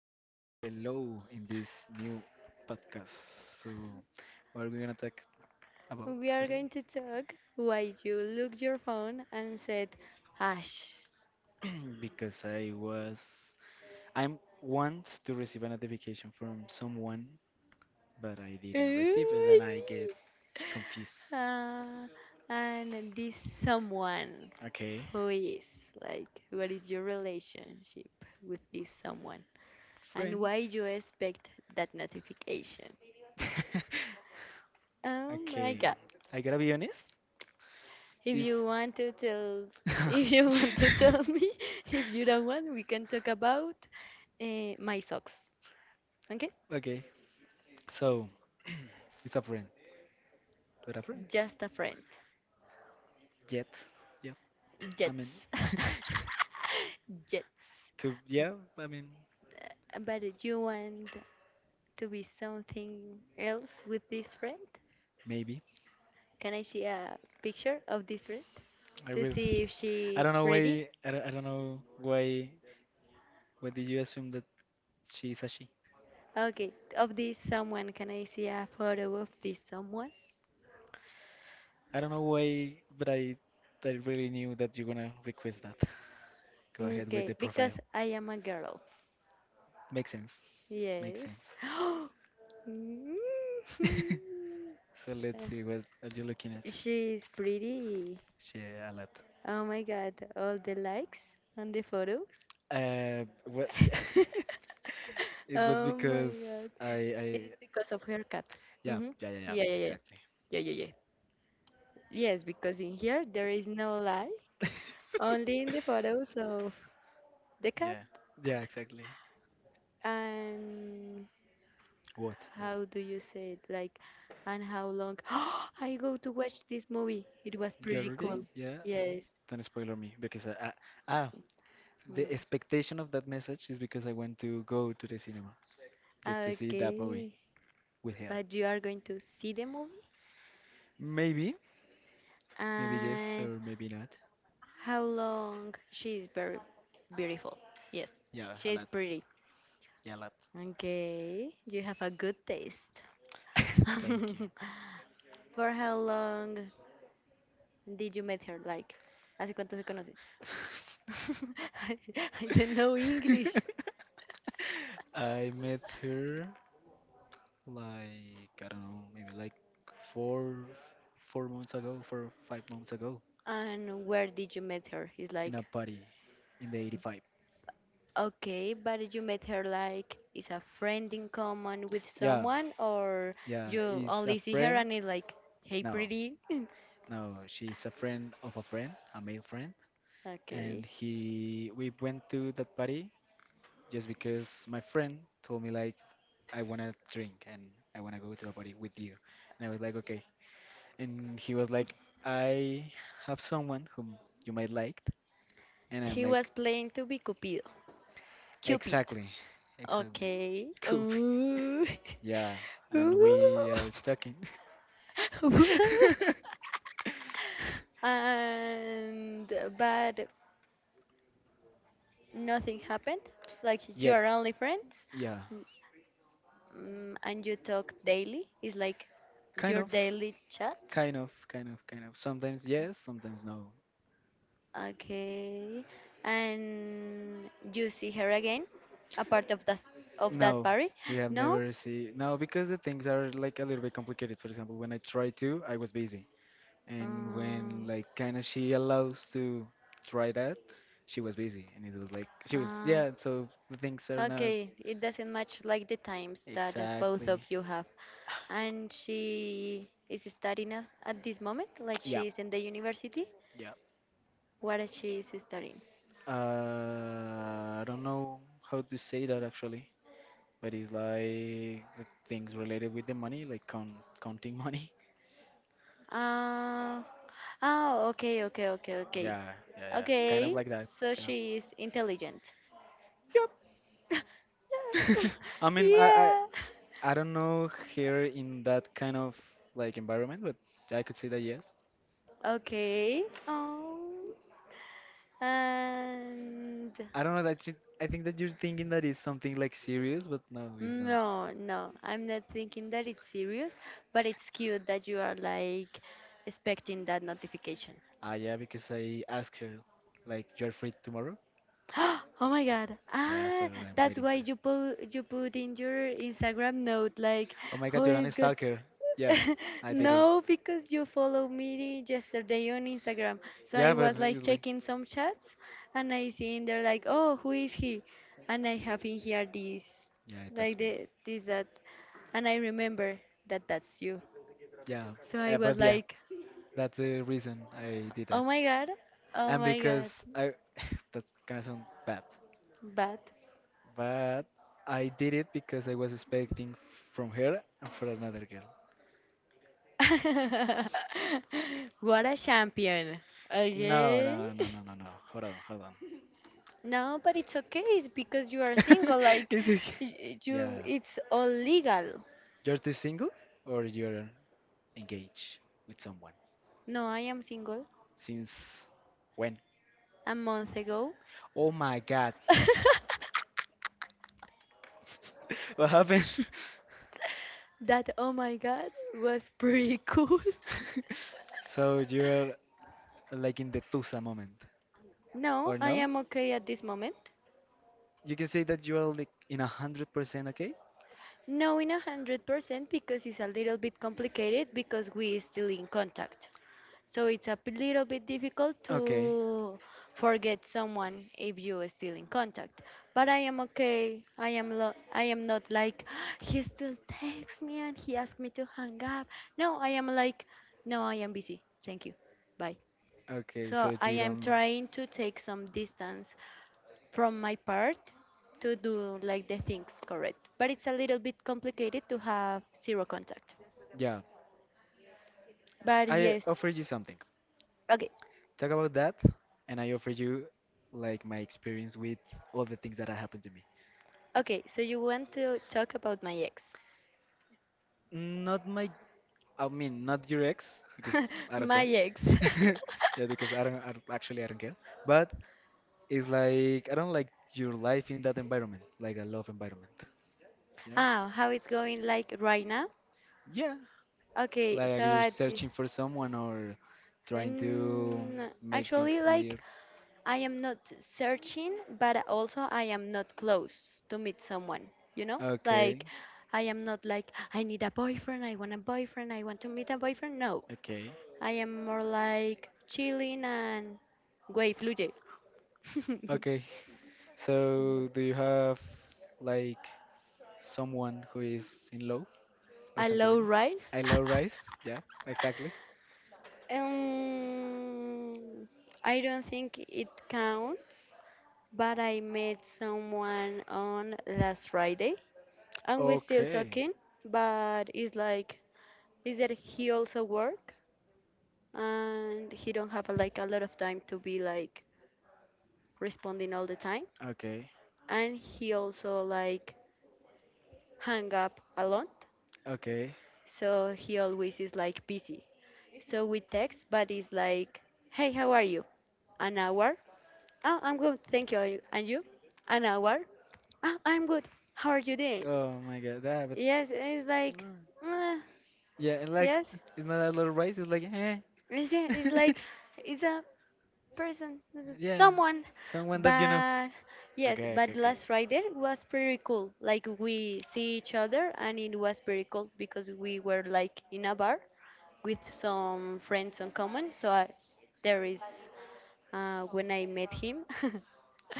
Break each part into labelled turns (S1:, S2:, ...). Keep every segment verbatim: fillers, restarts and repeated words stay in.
S1: hello in this new podcast. So, what are we gonna talk about
S2: We are
S1: today?
S2: going to talk while you look your phone and said hash.
S1: because I was, I'm want to receive a notification from someone, but I didn't receive it, and I get
S2: Ooh.
S1: confused.
S2: Uh, and this someone,
S1: Okay,
S2: who is, like, what is your relationship with this someone and
S1: friends.
S2: why you expect that notification? Oh my
S1: Okay,
S2: god,
S1: I gotta be honest.
S2: if
S1: Is
S2: you want to tell if you want to tell me if you don't want we can talk about uh, my socks. Okay,
S1: okay. So it's a friend, but a friend.
S2: just a friend.
S1: Yet, yeah. I mean,
S2: Jets. Jets.
S1: could yeah. I mean,
S2: But you want to be something else with this friend?
S1: maybe.
S2: Can I see a picture of this friend
S1: I
S2: to
S1: was.
S2: see if
S1: I don't
S2: she's
S1: know
S2: pretty?
S1: why. I don't, I don't know why. Why did you assume that she's a she?
S2: Okay, of this someone, can I see a photo of this someone?
S1: I don't know why, but I. I really knew that you're gonna request that. Go ahead with
S2: Okay,
S1: the
S2: because
S1: profile.
S2: I am a girl.
S1: Makes sense. Makes
S2: Yes.
S1: sense. So let's
S2: Uh,
S1: see what are you looking at.
S2: She's pretty.
S1: She a lot.
S2: Oh my god, all the likes on the photos.
S1: Uh, well, it was
S2: Oh my
S1: because
S2: god.
S1: I, I,
S2: Because of her cat.
S1: yeah,
S2: Mm-hmm.
S1: yeah, yeah, yeah,
S2: Yeah, yeah, yeah.
S1: exactly.
S2: Yeah, yeah, yeah. Yes, because in here there is no lie. Only in the photos of the cat
S1: Yeah, yeah, exactly.
S2: and
S1: What?
S2: how do you say it? Like, and how long? I go to watch this movie. It was
S1: You
S2: pretty
S1: already?
S2: cool.
S1: Yeah.
S2: Yes.
S1: Don't spoiler me because I, I, ah, the
S2: Mm.
S1: expectation of that message is because I want to go to the cinema just to see that movie
S2: Okay.
S1: with her.
S2: But you are going to see the movie?
S1: Maybe, maybe yes or maybe not.
S2: How long? She is very beautiful. Yes,
S1: Yeah,
S2: she
S1: a
S2: is
S1: lot.
S2: pretty.
S1: Yeah, a lot.
S2: Okay, you have a good taste.
S1: Thank you.
S2: For how long did you meet her? Like, ¿hace cuánto se conocen? I, I don't know English.
S1: I met her like I don't know, maybe like four four months ago, four or five months ago,
S2: And where did you meet her? He's
S1: in a
S2: like,
S1: party in the eighty-five.
S2: okay, but you met her like, is a friend in common with
S1: Yeah,
S2: someone, or
S1: yeah,
S2: you
S1: is a
S2: only see her
S1: friend.
S2: and is like, hey,
S1: No,
S2: pretty.
S1: no, she's a friend of a friend, a male friend, and
S2: Okay.
S1: he we went to that party just because my friend told me like I wanna drink and I wanna go to a party with you, and I was like okay, and he was like I have someone whom you might like, and I'm
S2: He
S1: like
S2: was playing to be Cupido. Cupid.
S1: exactly, exactly,
S2: Okay.
S1: Coop,
S2: Ooh.
S1: yeah, and
S2: Ooh.
S1: we are talking.
S2: Woo. And but nothing happened. Like you are
S1: Yet,
S2: only friends,
S1: yeah,
S2: mm, and you talk daily. It's like
S1: kind
S2: your
S1: of,
S2: daily chat.
S1: kind of, kind of, kind of. Sometimes yes, sometimes no.
S2: Okay. And you see her again, a part of that of that
S1: No,
S2: party?
S1: we have
S2: No.
S1: never see. No, because the things are like a little bit complicated. For example, when I tried to, I was busy, and
S2: Uh,
S1: when like kind of she allows to try that, she was busy, and it was like she was
S2: uh,
S1: yeah. So the things are not
S2: okay, it doesn't match like the times that uh, both
S1: exactly.
S2: of you have. And she is studying us at this moment, like
S1: Yeah,
S2: she is in the university.
S1: yeah.
S2: What is she is studying?
S1: Uh, I don't know how to say that actually, but it's like the things related with the money, like count counting money.
S2: Uh, oh, okay, okay, okay, okay.
S1: Yeah, yeah, yeah. Kind of
S2: Okay,
S1: like that.
S2: so
S1: Kind of.
S2: she is intelligent. Yeah.
S1: I mean, I, I
S2: yeah.
S1: I don't know here in that kind of like environment, but I could say that yes.
S2: Okay. Oh. And
S1: I don't know that you. I think that you're thinking that it's something like serious, but no, it's not.
S2: no, no, I'm not thinking that it's serious, but it's cute that you are like expecting that notification.
S1: Ah, yeah, because I asked her like you're free tomorrow.
S2: Oh my God.
S1: Yeah, so
S2: Ah,
S1: I'm
S2: that's
S1: waiting
S2: why
S1: for it.
S2: you put you put in your Instagram note like
S1: Oh my
S2: who
S1: God, you're an
S2: is good.
S1: stalker. Yeah, I did it.
S2: No, because you follow me yesterday on Instagram. So
S1: Yeah,
S2: I
S1: but
S2: was like
S1: it's like
S2: checking some chats and I see in there like, oh, who is he? And I have in here this,
S1: yeah,
S2: like
S1: that's me.
S2: the, this, that. And I remember that that's you.
S1: Yeah,
S2: So I
S1: uh,
S2: was
S1: but yeah.
S2: like,
S1: That's the reason I did
S2: oh
S1: that.
S2: my god, oh
S1: And
S2: my god,
S1: because I, that's gonna sound bad,
S2: but
S1: but I did it because I was expecting from her and for another girl.
S2: what a champion.
S1: No,
S2: Okay.
S1: no, no, no, no, no, no. Hold on, hold on.
S2: No, but it's okay. It's because you are single. Like,
S1: It's okay.
S2: y-
S1: Yeah.
S2: you, it's all legal.
S1: You're too single or you're engaged with someone?
S2: No, I am single
S1: Since when?
S2: a month ago.
S1: Oh my God. What happened?
S2: That, oh my god, was pretty cool.
S1: So you're like in the Tusa moment,
S2: No,
S1: or
S2: I
S1: no?
S2: am okay at this moment.
S1: You can say that you are like in a hundred percent okay.
S2: No, in a hundred percent because it's a little bit complicated because we still in contact. So it's a p- little bit difficult
S1: Okay,
S2: to forget someone if you are still in contact. But I am okay. I am lo- I am not like he still texts me and he asked me to hang up. No, I am like no, I am busy. Thank you. Bye.
S1: okay.
S2: So
S1: So
S2: I
S1: you
S2: am
S1: don't.
S2: trying to take some distance from my part to do like the things correct. But it's a little bit complicated to have zero contact.
S1: Yeah,
S2: But
S1: I
S2: yes.
S1: offered you something.
S2: Okay.
S1: Talk about that, and I offer you like my experience with all the things that have happened to me.
S2: Okay, so you want to talk about my ex.
S1: Not my, I mean, not your ex because I don't
S2: my
S1: care.
S2: ex.
S1: Yeah, because I don't, I don't actually, I don't care. But it's like I don't like your life in that environment, like a love environment, you know?
S2: Ah, how it's going like right now?
S1: Yeah,
S2: Okay, so
S1: like you're
S2: I d-
S1: searching for someone or trying to
S2: mm,
S1: make things
S2: actually like
S1: clear.
S2: I am not searching, but also I am not close to meet someone, you know?
S1: Okay,
S2: Like I am not like I need a boyfriend, I want a boyfriend, I want to meet a boyfriend. No.
S1: okay,
S2: I am more like chilling and güey fluye.
S1: okay. So, do you have like someone who is in love or
S2: I
S1: something like
S2: love
S1: that?
S2: rice.
S1: I love rice. Yeah, exactly.
S2: Um, I don't think it counts, but I met someone on last Friday and we're still
S1: Okay,
S2: talking, but it's like is that he also work and he don't have like a lot of time to be like responding all the time
S1: okay,
S2: and he also like hang up a lot
S1: okay.
S2: so he always is like busy so we text but it's like hey how are you an hour. Oh, I'm good, thank you. Are you- And you? An hour? Oh, I'm good. How are you doing?
S1: Oh my God, that but
S2: Yes, it's like,
S1: no.
S2: uh,
S1: Yeah, and like
S2: yes,
S1: it's not a lot of rice. It's like eh.
S2: it's, it's like, it's a person,
S1: Yeah,
S2: someone.
S1: someone that you know.
S2: But yes,
S1: Okay, okay,
S2: but
S1: okay.
S2: last Friday was pretty cool. Like we see each other, and it was pretty cool because we were like in a bar with some friends in common. So I, there is. uh, when I met him.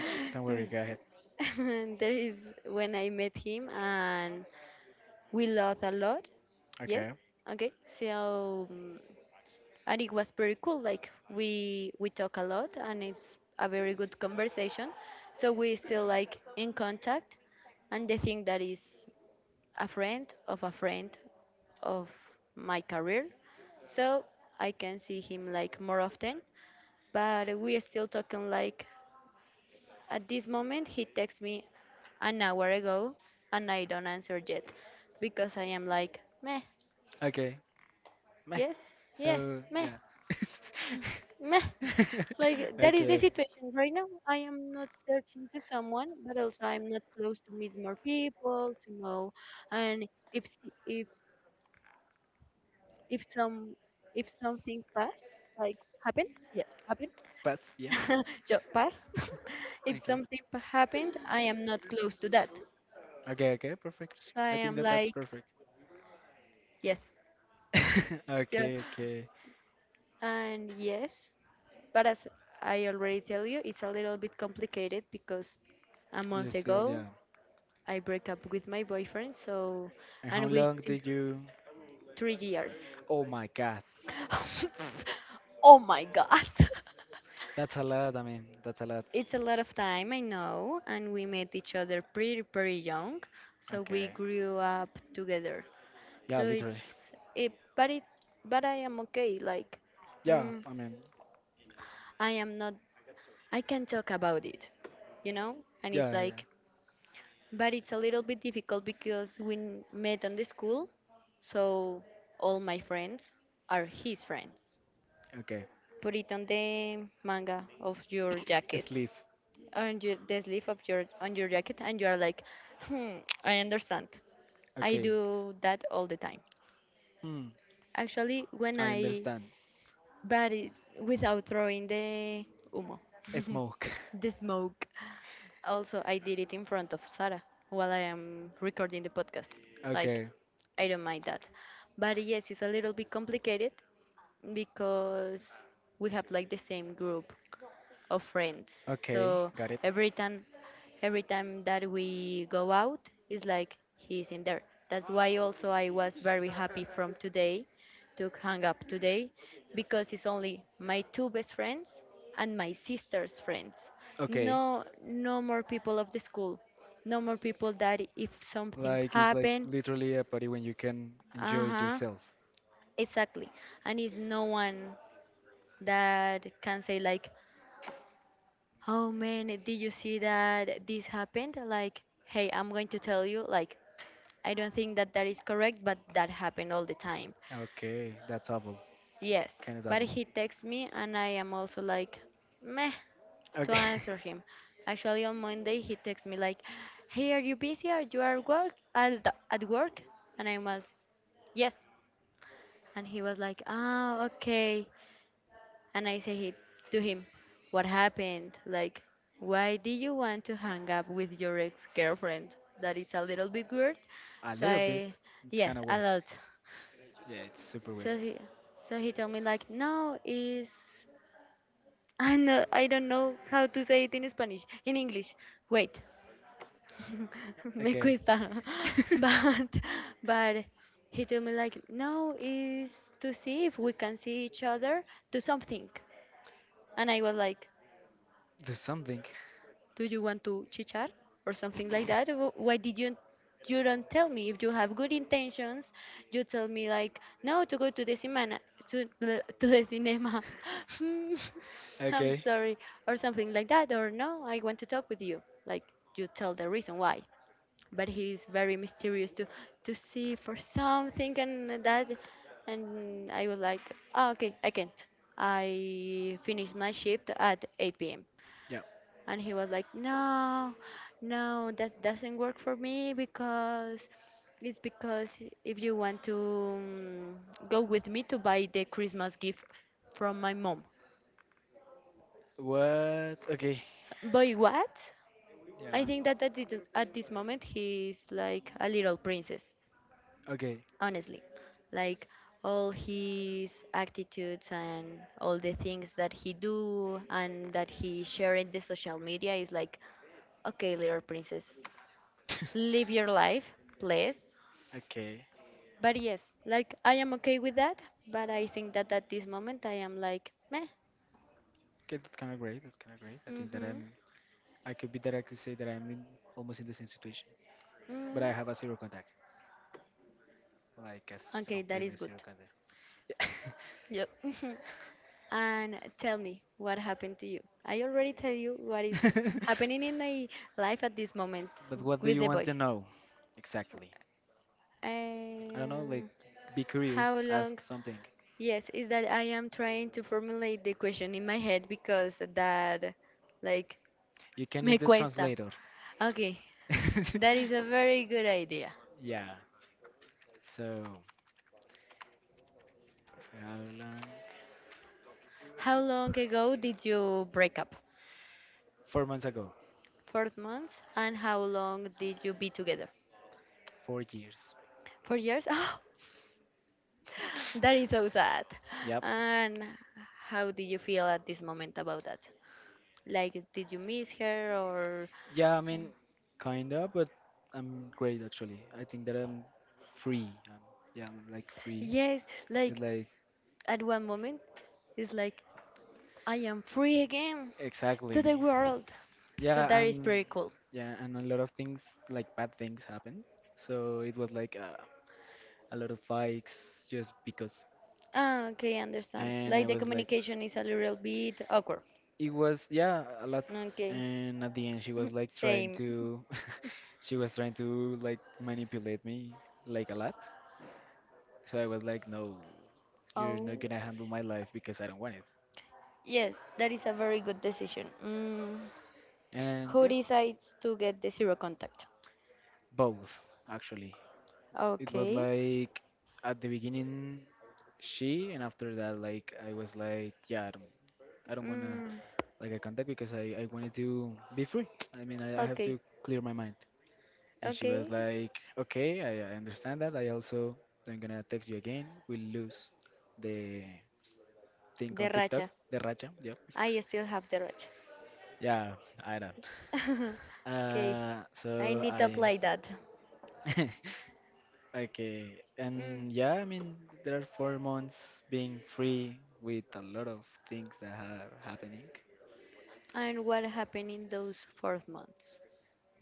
S1: Uh, it- Don't worry, go ahead.
S2: there is when I met him and we laughed a lot. Yes.
S1: Okay.
S2: Okay. So um, and it was pretty cool. Like we we talk a lot and it's a very good conversation. So we still like in contact. And the thing that is a friend of a friend of my career. So I can see him like more often. But we are still talking like at this moment, he texted me an hour ago and I don't answer yet because I am like, meh,
S1: Okay. Meh.
S2: yes, yes,
S1: So,
S2: meh,
S1: yeah.
S2: meh. Like, that is the
S1: Okay.
S2: situation right now. I am not searching to someone, but also I'm not close to meet more people, to know. And if, s- if, if some, if something pass, like happen, yeah,
S1: Pass,
S2: happen,
S1: yeah.
S2: so pass. if
S1: Okay.
S2: something p- happened, I am not close to that.
S1: Okay, okay, perfect.
S2: So I
S1: I think
S2: am
S1: that that's
S2: like,
S1: perfect.
S2: yes.
S1: Okay, okay.
S2: And yes, but as I already tell you, it's a little bit complicated because a
S1: You're
S2: month
S1: still
S2: ago
S1: young.
S2: I broke up with my boyfriend, so
S1: And how
S2: and we
S1: long
S2: still
S1: did you?
S2: three years.
S1: Oh my God.
S2: oh my god.
S1: That's a lot. I mean, that's a lot.
S2: It's a lot of time, I know, and we met each other pretty pretty young, so we
S1: Okay.
S2: grew up together.
S1: Yeah,
S2: So it's
S1: literally.
S2: it, but it, but I am okay. Like,
S1: Yeah,
S2: mm,
S1: I mean,
S2: I am not. I can talk about it, you know. And it's
S1: yeah, yeah.
S2: like but it's a little bit difficult because we n- met on the school, so all my friends are his friends.
S1: Okay.
S2: Put it on the manga of your jacket,
S1: Sleep.
S2: on your, the sleeve of your on your jacket, and you are like, hmm, I understand. I
S1: Okay.
S2: do that all the time.
S1: Hmm.
S2: Actually, when
S1: I
S2: I
S1: understand.
S2: but it, without throwing the humo,
S1: Smoke.
S2: the smoke. Also, I did it in front of Sarah while I am recording the podcast. Like,
S1: Okay.
S2: I don't mind that. But yes, it's a little bit complicated because we have like the same group of friends.
S1: Okay.
S2: So
S1: Got it.
S2: every time every time that we go out it's like he's in there. That's why also I was very happy from today to hang up today because it's only my two best friends and my sister's friends.
S1: Okay.
S2: No, no more people of the school. No more people that if something
S1: Like, it's like
S2: happened
S1: literally a party when you can enjoy it
S2: uh-huh
S1: yourself.
S2: exactly and it's no one that can say like oh man, did you see that this happened? Like, hey, I'm going to tell you, like, I don't think that that is correct, but that happened all the time.
S1: Okay. That's awful.
S2: Yes,
S1: Kind of
S2: but
S1: awful.
S2: he texts me and I am also like, meh, to
S1: Okay.
S2: answer him. Actually, on Monday, he texts me like, hey, are you busy? Are you at work? At, at work? And I was, yes. And he was like, ah, okay. And I say he, to him, what happened? Like, why did you want to hang up with your ex girlfriend? That is a little bit weird.
S1: A
S2: So
S1: little bit.
S2: I,
S1: It's kind
S2: yes,
S1: of
S2: a
S1: weird.
S2: lot.
S1: Yeah, it's super weird.
S2: So he, so he told me, like, no, is. I know, I don't know how to say it in Spanish. In English. Wait. Me
S1: Okay.
S2: cuesta. But, but he told me like no is to see if we can see each other do something and I was like
S1: Do something.
S2: do you want to chichar or something like that? Wh- Why did you, you don't tell me if you have good intentions? You tell me like no to go to the cinema to the- to the cinema. Hmm, I'm
S1: Okay.
S2: sorry or something like that or no I want to talk with you like you tell the reason why. But he is very mysterious to to see for something and that and I was like oh, okay I can't. I finished my shift at eight p m
S1: Yeah.
S2: and he was like no no that doesn't work for me because it's because if you want to um, go with me to buy the christmas gift from my mom
S1: What? Okay.
S2: boy what
S1: Yeah.
S2: I think that at this, at this moment he's like a little princess
S1: Okay.
S2: honestly like all his attitudes and all the things that he do and that he share in the social media is like okay little princess live your life, please.
S1: Okay.
S2: But yes, like I am okay with that. But I think that at this moment I am like meh.
S1: Okay, that's kind of great. That's kind of great. I think that
S2: Mhm.
S1: I'm. I could be that I could say that I'm in almost in the same situation, but
S2: Mm.
S1: I have a zero contact, like as
S2: Okay, that
S1: completely
S2: is good.
S1: zero contact. Yeah.
S2: Yep. And tell me what happened to you. I already tell you what is m- happening in my life at this moment
S1: But what do
S2: with
S1: you
S2: the
S1: want
S2: boys.
S1: to know? Exactly. I don't know, like
S2: Um,
S1: be curious,
S2: how long?
S1: ask something.
S2: Yes, is that I am trying to formulate the question in my head because that like
S1: You can use
S2: me
S1: the
S2: cuesta.
S1: translator.
S2: Okay, that is a very good idea.
S1: Yeah. So how long?
S2: How long ago did you break up?
S1: Four months ago.
S2: Four months. And how long did you be together?
S1: Four years.
S2: Four years? Oh, that is so sad.
S1: Yep.
S2: And how did you feel at this moment about that? Like, did you miss her, or.
S1: Yeah, I mean, kinda, but I'm great actually. I think that I'm free. I Yeah, I'm like free.
S2: Yes,
S1: It's
S2: like,
S1: like
S2: at one moment, it's like, I am free again to
S1: exactly.
S2: the world. So
S1: Yeah,
S2: that is
S1: and
S2: pretty cool.
S1: yeah, and a lot of things like bad things happen. So it was like, uh, a lot of fights just because.
S2: Ah, okay, I understand.
S1: And I
S2: Like, the
S1: was like,
S2: communication is a little bit awkward.
S1: it was yeah a lot.
S2: Mm, okay.
S1: And at the end, she was like trying
S2: Same.
S1: to, she was trying to like manipulate me like a lot. So I was like, no, you're not
S2: Oh,
S1: gonna handle my life because I don't want it.
S2: yes, that is a very good decision. Mm.
S1: And
S2: Who
S1: yeah,
S2: decides to get the zero contact?
S1: both actually. It was
S2: Okay.
S1: like at the beginning she, and after that like I was like, yeah, I don't, I don't wanna
S2: Mm.
S1: like a contact because I, I wanted to be free. I mean, I, I have
S2: Okay.
S1: to clear my mind. And she was
S2: Okay.
S1: like, okay, I, I understand that. I also, I'm gonna text you again. We'll lose the thing
S2: The
S1: on TikTok,
S2: racha.
S1: the racha. Yep.
S2: I still have the racha.
S1: Yeah, I don't.
S2: Okay.
S1: Uh,
S2: I
S1: so
S2: need to
S1: I,
S2: apply that.
S1: okay.
S2: Mm.
S1: And yeah, I mean, there are four months being free with a lot of things that are happening.
S2: And what happened in those four months?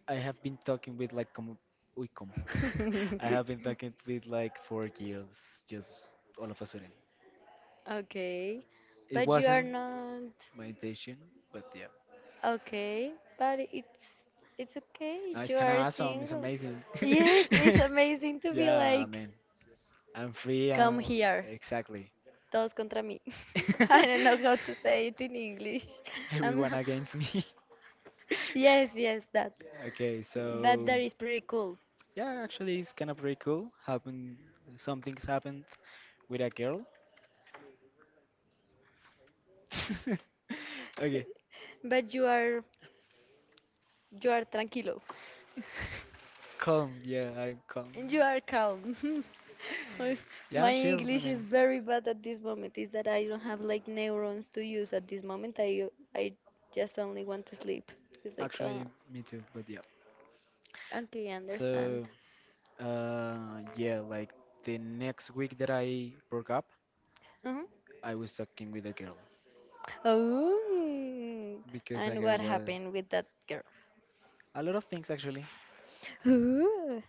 S1: I have been talking with like como, uy, como. I have been talking with like four girls just all of a sudden.
S2: Okay.
S1: It
S2: But you are
S1: wasn't
S2: not.
S1: my intention, but yeah.
S2: Okay, but it's it's okay.
S1: Now it's
S2: You
S1: kind of
S2: are
S1: awesome. It's
S2: single.
S1: amazing.
S2: Yes, it's amazing to be
S1: Yeah,
S2: like,
S1: man. I'm free.
S2: come
S1: I'm
S2: here,
S1: exactly.
S2: todos contra mí. I don't know how to say it in English. I'm
S1: Everyone
S2: not-
S1: against me.
S2: yes, yes, that
S1: Okay,
S2: that
S1: so
S2: that is pretty cool.
S1: yeah, actually, it's kind of pretty cool. Happened, some things happened with a girl. Okay.
S2: But you are you are tranquilo.
S1: Calm, yeah, I'm calm.
S2: And you are calm. Or
S1: Yeah,
S2: my
S1: I'm chill. I
S2: English
S1: mean,
S2: is very bad at this moment. Is that I don't have like neurons to use at this moment. I I just only want to sleep. It's like, uh,
S1: actually, me too, but yeah.
S2: okay, I
S1: So,
S2: understand.
S1: uh, yeah, like the next week that I broke up,
S2: Uh-huh.
S1: I was talking with a girl
S2: Oh,
S1: because a
S2: and
S1: girl
S2: what
S1: was
S2: happened with that girl?
S1: a lot of things actually.
S2: Ooh,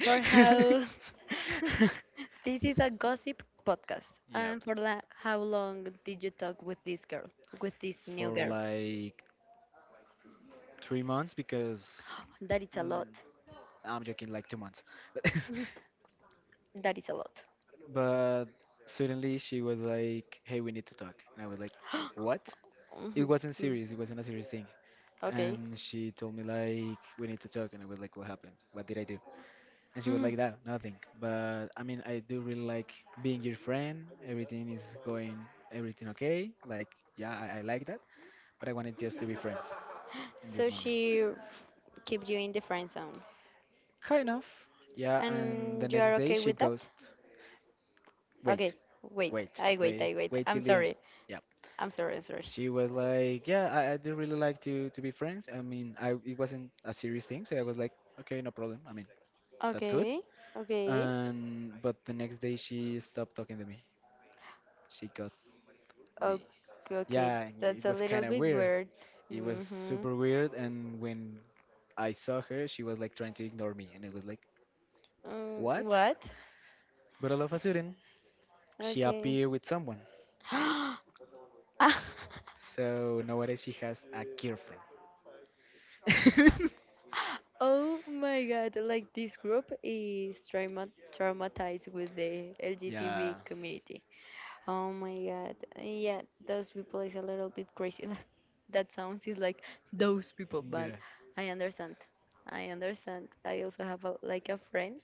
S2: for how. This is a gossip podcast,
S1: Yeah,
S2: and for la- how long did you talk with this girl, with this new
S1: for
S2: girl?
S1: like three months because
S2: That is a
S1: mm,
S2: lot.
S1: I'm joking, like two months.
S2: That is a lot.
S1: But, but suddenly she was like, "Hey, we need to talk," and I was like, "What?" It
S2: Mhm,
S1: wasn't
S2: mm,
S1: serious. It wasn't a serious thing.
S2: okay.
S1: And she told me like we need to talk, and I was like, what happened? What did I do? And she was
S2: Mhm.
S1: like that, nothing. But I mean, I do really like being your friend. Everything is going, everything okay. Like yeah, I, I like that. But I wanted just to be friends in this
S2: So
S1: moment.
S2: she f- keep you in the friend zone,
S1: Kind of. Yeah, and the
S2: and you
S1: next
S2: are
S1: day
S2: okay
S1: she
S2: with that?
S1: goes, wait,
S2: Okay. Wait.
S1: wait,
S2: I wait.
S1: wait,
S2: I wait.
S1: wait
S2: I'm
S1: till the end.
S2: sorry.
S1: Yeah,
S2: I'm sorry. Sorry.
S1: she was like, "Yeah, I, I do really like to to be friends. I mean, I it wasn't a serious thing, so I was like, okay, no problem. I mean, that's good."
S2: Okay. Okay.
S1: And but the next day she stopped talking to me. She ghosted
S2: Okay.
S1: me.
S2: Okay.
S1: Yeah,
S2: That's
S1: it
S2: a
S1: was
S2: little
S1: kind of
S2: bit
S1: weird.
S2: weird.
S1: It was
S2: Mhm.
S1: super weird. And when I saw her, she was like trying to ignore me, and it was like,
S2: Mm,
S1: what?
S2: what?
S1: But all of a sudden, she
S2: Okay.
S1: appeared with someone. So nowadays she has a girlfriend.
S2: Oh my god, like this group is trauma traumatized with the
S1: Yeah.
S2: L G T B community. Oh my god. Yeah, those people is a little bit crazy. That sounds is like those people, but
S1: Yeah.
S2: I understand. I understand. I also have a, like a friend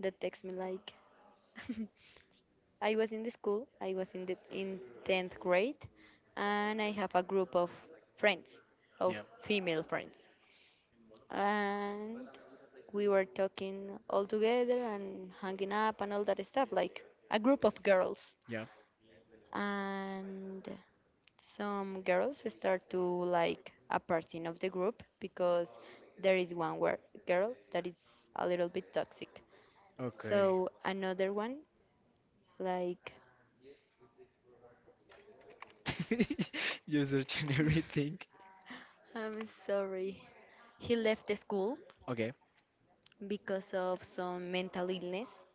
S2: that texts me like I was in the school, I was in the in tenth grade and I have a group of friends, of
S1: Yeah.
S2: female friends, and we were talking all together and hanging up and all that stuff, like a group of girls.
S1: Yeah.
S2: And some girls start to like a person of the group because there is one where girl that is a little bit toxic.
S1: Okay.
S2: So another one, like,
S1: You're searching everything.
S2: I'm sorry, he left the school
S1: Okay.
S2: because of some mental illness.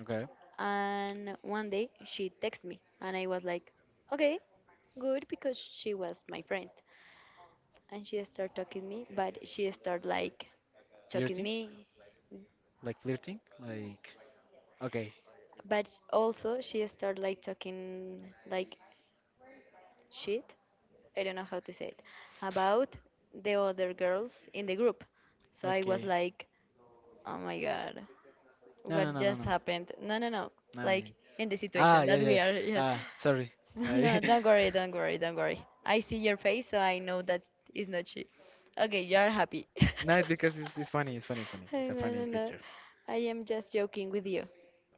S1: Okay.
S2: And one day she texted me, and I was like, okay, good, because she was my friend. And she started talking me, but she started like talking
S1: Flirting?
S2: me,
S1: Like flirting? Like okay.
S2: but also she started like talking like shit. I don't know how to say it about the other girls in the group. So I was
S1: Okay.
S2: like, oh my god,
S1: No, no,
S2: what
S1: no, no,
S2: just
S1: no.
S2: happened? No, no, no. Like
S1: Nice.
S2: in the
S1: Ah,
S2: situation
S1: yeah,
S2: that
S1: yeah,
S2: we
S1: yeah.
S2: are, yeah.
S1: Ah, sorry.
S2: No,
S1: I
S2: don't worry, don't worry, don't worry. I see your face, so I know that is not cheap. Okay, you are happy.
S1: No, it's because it's, it's funny, it's funny, it's funny.
S2: Hey,
S1: It's a
S2: no,
S1: funny
S2: no, no.
S1: picture.
S2: I am just joking with you.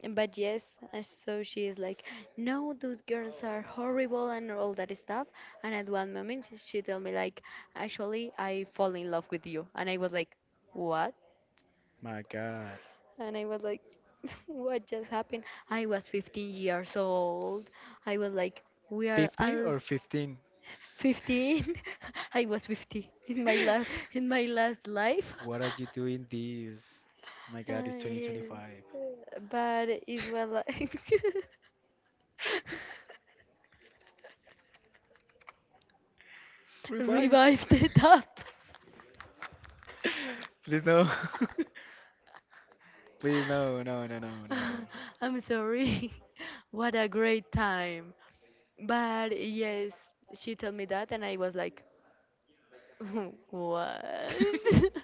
S2: But yes, and so she is like, no, those girls are horrible and all that stuff. And at one moment, she she told me like, actually, I fall in love with you. And I was like, what?
S1: My God.
S2: And I was like, what just happened? I was fifteen years old. I was like, we are
S1: fifty
S2: all
S1: or fifteen?
S2: fifteen. I was fifty in my last in my last life
S1: What are you doing this? My God,
S2: uh,
S1: it's
S2: Yeah.
S1: twenty twenty-five.
S2: But it's well, like,
S1: Revive.
S2: revived it up.
S1: Please no. Please no, no, no, no, no.
S2: I'm sorry. What a great time. But yes, she told me that, and I was like, what?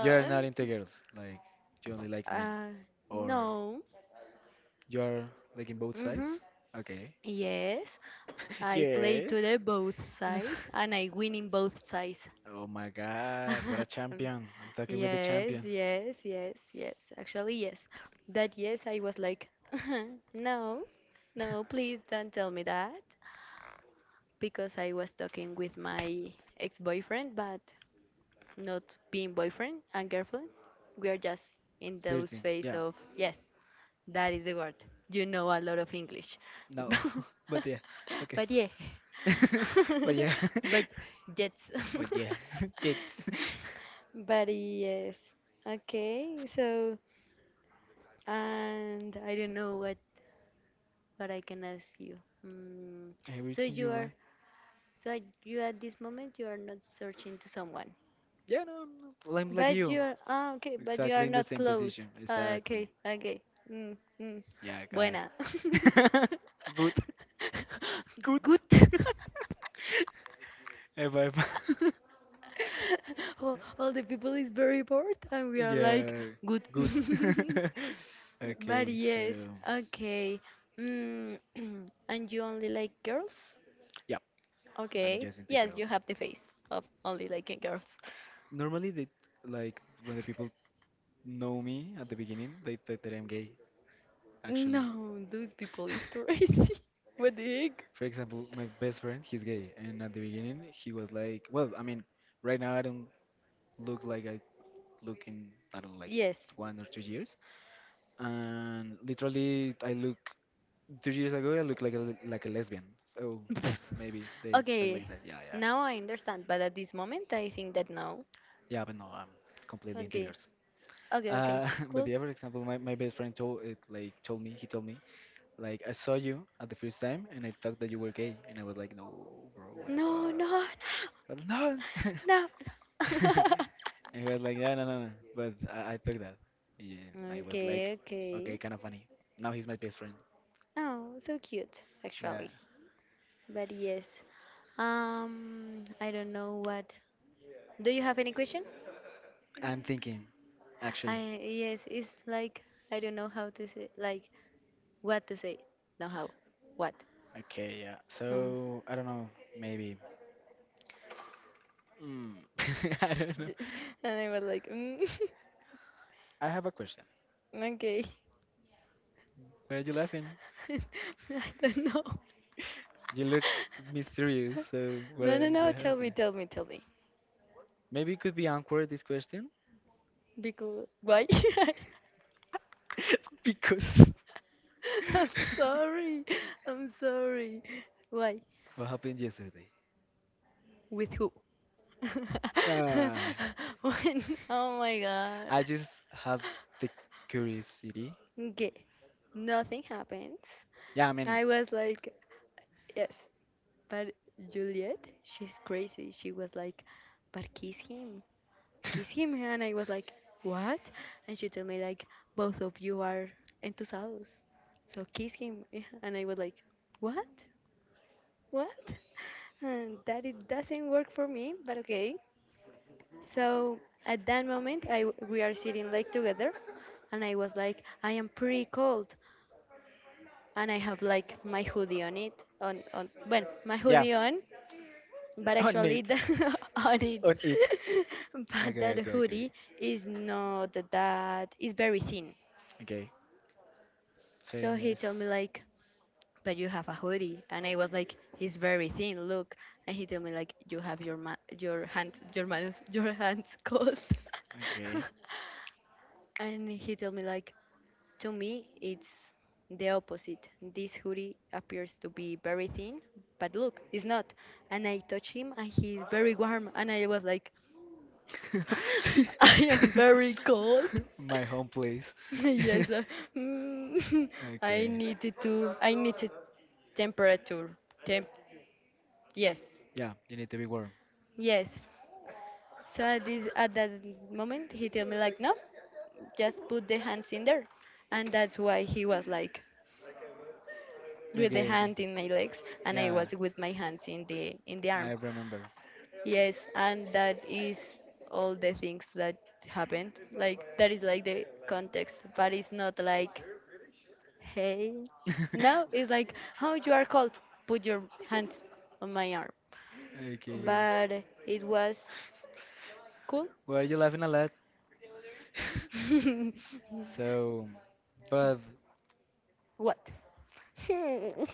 S1: You're not into girls. Like you only like men,
S2: uh,
S1: or
S2: no.
S1: you're like in both
S2: Mm-hmm.
S1: sides. Okay.
S2: Yes, I play
S1: Yeah.
S2: to the both sides and I win in both sides.
S1: Oh my God! What a champion! I'm talking with the
S2: Yes,
S1: champion.
S2: yes, yes, yes. Actually, yes. That, yes, I was like, no, no, please don't tell me that. Because I was talking with my ex boyfriend, but not being boyfriend and girlfriend. We are just in those
S1: Flirting.
S2: phase
S1: Yeah.
S2: of yes. That is the word. You know a lot of English.
S1: No. But yeah. Okay.
S2: But yeah.
S1: But yeah.
S2: But that's.
S1: But yeah. Jets.
S2: But yes. Okay. So, and I don't know what what I can ask you. Mm. So
S1: Everything you
S2: you are
S1: want.
S2: so you at this moment you are not searching to someone.
S1: Yeah, no, no, well, I'm like
S2: But
S1: you.
S2: you're, ah, okay, but you are
S1: Exactly in the
S2: not
S1: same
S2: close.
S1: position.
S2: Ah, okay,
S1: Exactly.
S2: okay. Mm, mm.
S1: Yeah, go
S2: Buena.
S1: ahead. Good. Good.
S2: Good.
S1: Eh, bye, bye.
S2: all, all the people is very bored and we are like
S1: Yeah,
S2: good.
S1: good.
S2: But
S1: Okay, so
S2: yes, okay. Mm, and you only like girls?
S1: yeah, I'm
S2: Okay.
S1: just into
S2: Yes, you
S1: girls.
S2: have the face of only liking girls.
S1: Normally, they like when the people know me at the beginning, they think that I'm gay, actually.
S2: No, those people is crazy. What the heck?
S1: For example, my best friend, he's gay, and at the beginning, he was like, well, I mean, right now I don't look like I looking I don't know, like
S2: Yes.
S1: one or two years, and literally I look two years ago I looked like a, like a lesbian. So maybe they look
S2: Okay,
S1: like that. Yeah, yeah.
S2: now I understand, but at this moment I think that no.
S1: Yeah, but no, I'm completely into
S2: Okay,
S1: girls.
S2: okay, okay,
S1: Uh, but
S2: cool.
S1: the other example, my, my best friend told it like told me he told me like I saw you at the first time and I thought that you were gay and I was like no bro what the
S2: No,
S1: fuck
S2: no,
S1: but no
S2: no, no.
S1: It was like, yeah, no, no, no. But I, I took that. Yeah, I was like,
S2: Okay,
S1: okay,
S2: okay.
S1: kind of funny. Now he's my best friend.
S2: Oh, so cute,
S1: Yeah,
S2: actually. But yes, um, I don't know what. Do you have any question?
S1: I'm thinking, actually.
S2: I yes, it's like I don't know how to say, like what to say, no how, what.
S1: Okay, yeah.
S2: Um,
S1: So I don't know, maybe. Mm. I don't know.
S2: d- and I was like, mm,
S1: I have a question.
S2: okay.
S1: Why are you laughing?
S2: I don't know.
S1: You look mysterious. So what
S2: No, no,
S1: what
S2: no. Tell
S1: happened?
S2: me, tell me, tell me.
S1: Maybe it could be awkward this question
S2: Because why?
S1: because
S2: I'm sorry. I'm sorry. Why?
S1: what happened yesterday?
S2: With who?
S1: Nah.
S2: When? Oh my God.
S1: I just have the curiosity.
S2: Okay. Nothing happens.
S1: Yeah, I mean,
S2: I was like, yes, but Juliet, she's crazy. She was like, but kiss him. Kiss him, and I was like, what? And she told me like, both of you are entusiasmados, so kiss him. Yeah, and I was like, what, what? And that, it doesn't work for me, but okay. So at that moment, I we are sitting like together, and I was like, I am pretty cold, and I have like my hoodie on it, on on well, my
S1: yeah,
S2: hoodie on, but
S1: on
S2: actually
S1: it,
S2: the, on it.
S1: on it.
S2: But
S1: Okay,
S2: that
S1: okay, okay,
S2: hoodie is not that, it's very thin,
S1: okay. So
S2: so he told
S1: it's
S2: me like, but you have a hoodie, and I was like, it's very thin, look. And he told me like, you have your ma- your hands, your man's your hands cold.
S1: okay.
S2: And he told me like, to me it's the opposite, this hoodie appears to be very thin, but look, it's not. And I touch him and he's very warm, and I was like, I am very cold.
S1: My home place.
S2: Yes, uh, mm, I
S1: Okay.
S2: needed to, I needed temperature. Temp. Yes,
S1: Yeah, you need to be warm.
S2: yes. So at this at that moment, he told me like, no, just put the hands in there, and that's why he was like with the
S1: Okay, okay.
S2: hand in my legs, and I
S1: Yeah,
S2: was with my hands in the in the
S1: I
S2: arm.
S1: remember.
S2: Yes, and that is all the things that happened. Like that is like the context, but it's not like, hey. Now it's like, how you are cold, put your hands on my arm.
S1: Okay.
S2: But it was cool.
S1: Were you laughing a lot? So, but
S2: What? Hmm.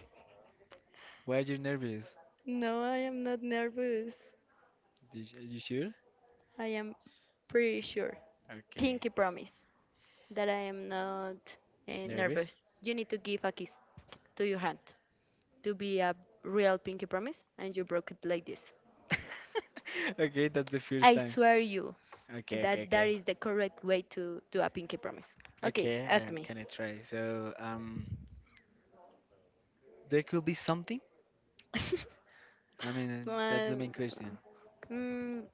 S1: why are you nervous?
S2: No, I am not nervous.
S1: Did you- Are you sure?
S2: I am pretty sure.
S1: Okay.
S2: Pinky promise that I am not, uh, nervous.
S1: Nervous?
S2: You need to give a kiss to your hand to be a real pinky promise, and you broke it like this.
S1: Okay, that's the first
S2: I
S1: time.
S2: swear you.
S1: Okay, okay,
S2: That that
S1: okay.
S2: is the correct way to do a pinky promise. Okay,
S1: Okay,
S2: ask
S1: I
S2: me.
S1: can I try? So, um, there could be something. I mean, that's the
S2: Well,
S1: main question.
S2: mm,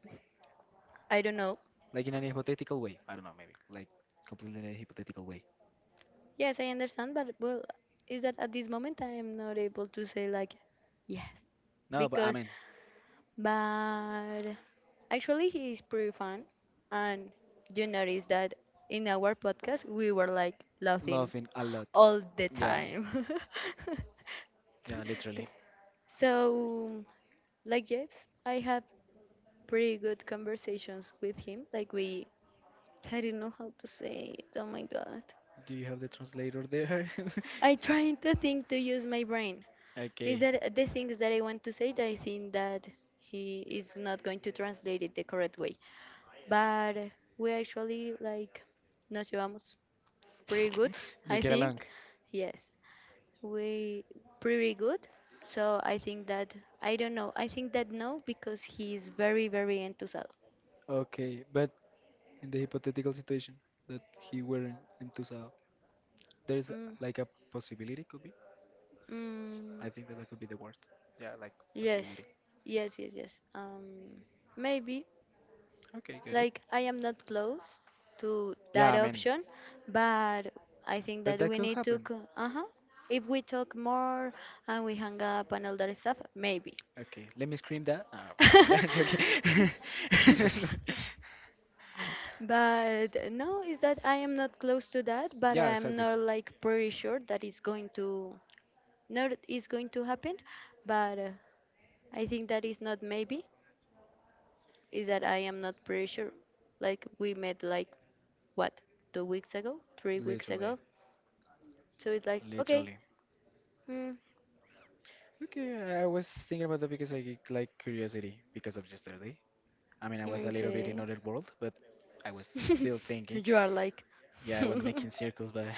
S2: I don't know.
S1: Like in an hypothetical way. I don't know, maybe like completely in a hypothetical way.
S2: Yes, I understand, but well, is that at this moment I am not able to say like yes,
S1: No, but I
S2: because
S1: mean,
S2: but actually he is pretty fun, and you notice that in our podcast we were like laughing
S1: laughing a lot.
S2: all the
S1: Yeah.
S2: time.
S1: Yeah, literally.
S2: So, like, yes, I have pretty good conversations with him. Like we, I don't know how to say it. Oh my god,
S1: Do you have the translator there?
S2: I trying to think to use my brain. Is
S1: Okay.
S2: that the things that I want to say that I think that he is not going to translate it the correct way? But we actually like nos llevamos pretty good,
S1: You
S2: I
S1: get along.
S2: think. Yes, we pretty good. So I think that I don't know. I think that no, because he is very very enthusiastic.
S1: Okay, but in the hypothetical situation that he weren't in Tusa, there's like a possibility could be.
S2: Mm,
S1: I think that that could be the word. Yeah, like
S2: yes,
S1: possibility.
S2: yes, yes, yes. Um, maybe
S1: Okay, got it.
S2: like I am not close to
S1: Yeah,
S2: that
S1: I mean,
S2: option, but I think
S1: but
S2: that
S1: that
S2: we
S1: could
S2: need to.
S1: happen.
S2: co- Uh-huh. If we talk more and we hang up and all that stuff, maybe.
S1: Okay, let me scream that. No, I'm joking.
S2: But no, is that I am not close to that, but
S1: Yeah,
S2: I am
S1: exactly.
S2: not like pretty sure that it's going to not is going to happen, but uh, I think that is not maybe. Is that I am not pretty sure. Like we met like what, two weeks ago, three weeks
S1: Literally,
S2: ago. So it's like okay,
S1: literally.
S2: mm,
S1: Okay, I was thinking about that because I like curiosity because of yesterday. I mean, I was a little bit in
S2: okay.
S1: other world, but I was still thinking.
S2: You are like.
S1: Yeah, I
S2: Huh,
S1: was making circles by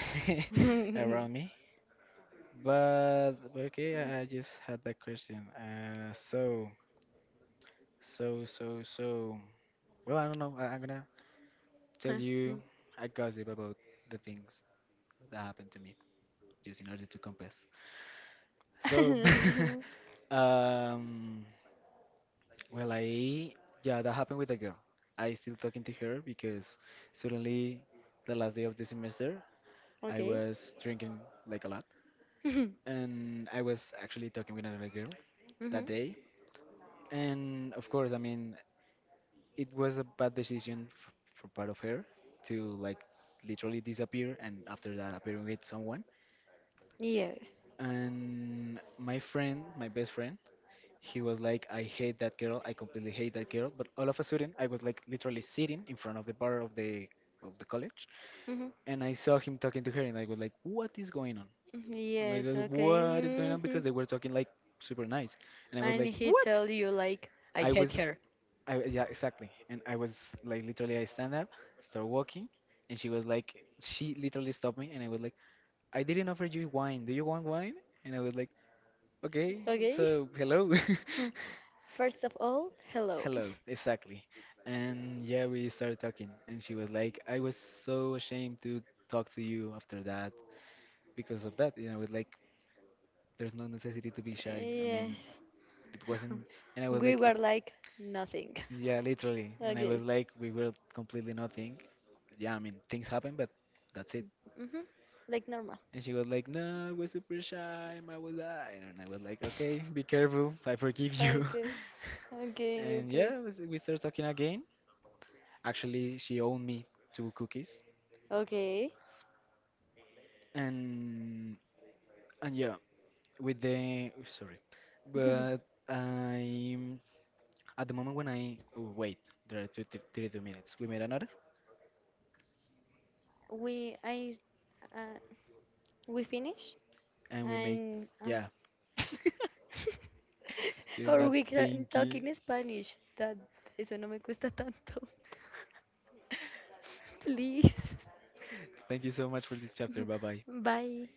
S2: mm.
S1: around me. But but okay, I, I just had that question. Uh, so so so so. Well, I don't know. I, I'm gonna tell you a gossip about the things that happened to me, just in order to compass. So, um, well, I, yeah, that happened with a girl. I still talking to her because suddenly, the last day of the semester, I
S2: Okay.
S1: was drinking like a lot, and I was actually talking with another girl
S2: Mhm.
S1: that day. And of course, I mean, it was a bad decision f for part of her to like literally disappear and after that appearing with someone.
S2: Yes.
S1: And my friend, my best friend, he was like, I hate that girl. I completely hate that girl. But all of a sudden, I was like literally sitting in front of the bar of the of the college,
S2: Mhm.
S1: and I saw him talking to her, and I was like, what is going on? I'm like,
S2: Yes.
S1: "Uh,
S2: Okay.
S1: what is going on?
S2: Mhm.
S1: Because they were talking like super nice, and I was
S2: And
S1: like,
S2: he
S1: what?
S2: tell you like, I
S1: I
S2: hate
S1: was,
S2: her.
S1: I yeah, exactly. And I was like, literally, I stand up, start walking, and she was like, she literally stopped me, and I was like, I didn't offer you wine. Do you want wine? And I was like, okay,
S2: Okay.
S1: so hello.
S2: First of all, hello.
S1: Hello, exactly. And yeah, we started talking, and she was like, I was so ashamed to talk to you after that because of that. You know, it's like, there's no necessity to be shy. I mean,
S2: Yes.
S1: it wasn't, and I was
S2: We
S1: like, it,
S2: were like nothing.
S1: yeah, literally. And I was
S2: Okay.
S1: like, we were completely nothing. Yeah, I mean, things happen, but that's it.
S2: Hmm. Like normal.
S1: And she was like, no, I was super shy, I was lying. And I was like, okay, be careful, I forgive you.
S2: Okay. Okay.
S1: and
S2: Okay.
S1: yeah, we s- we started talking again. Actually, she owed me two cookies.
S2: Okay.
S1: And and yeah, with the sorry, but I at the moment when I oh, wait, there are two, th- thirty-two minutes. We made another,
S2: we I uh, we finish
S1: and we make
S2: and uh,
S1: yeah. You're
S2: or
S1: not
S2: we can talk
S1: thinking.
S2: in Spanish. That eso no me cuesta tanto. Please.
S1: Thank you so much for this chapter. Bye bye.
S2: Bye.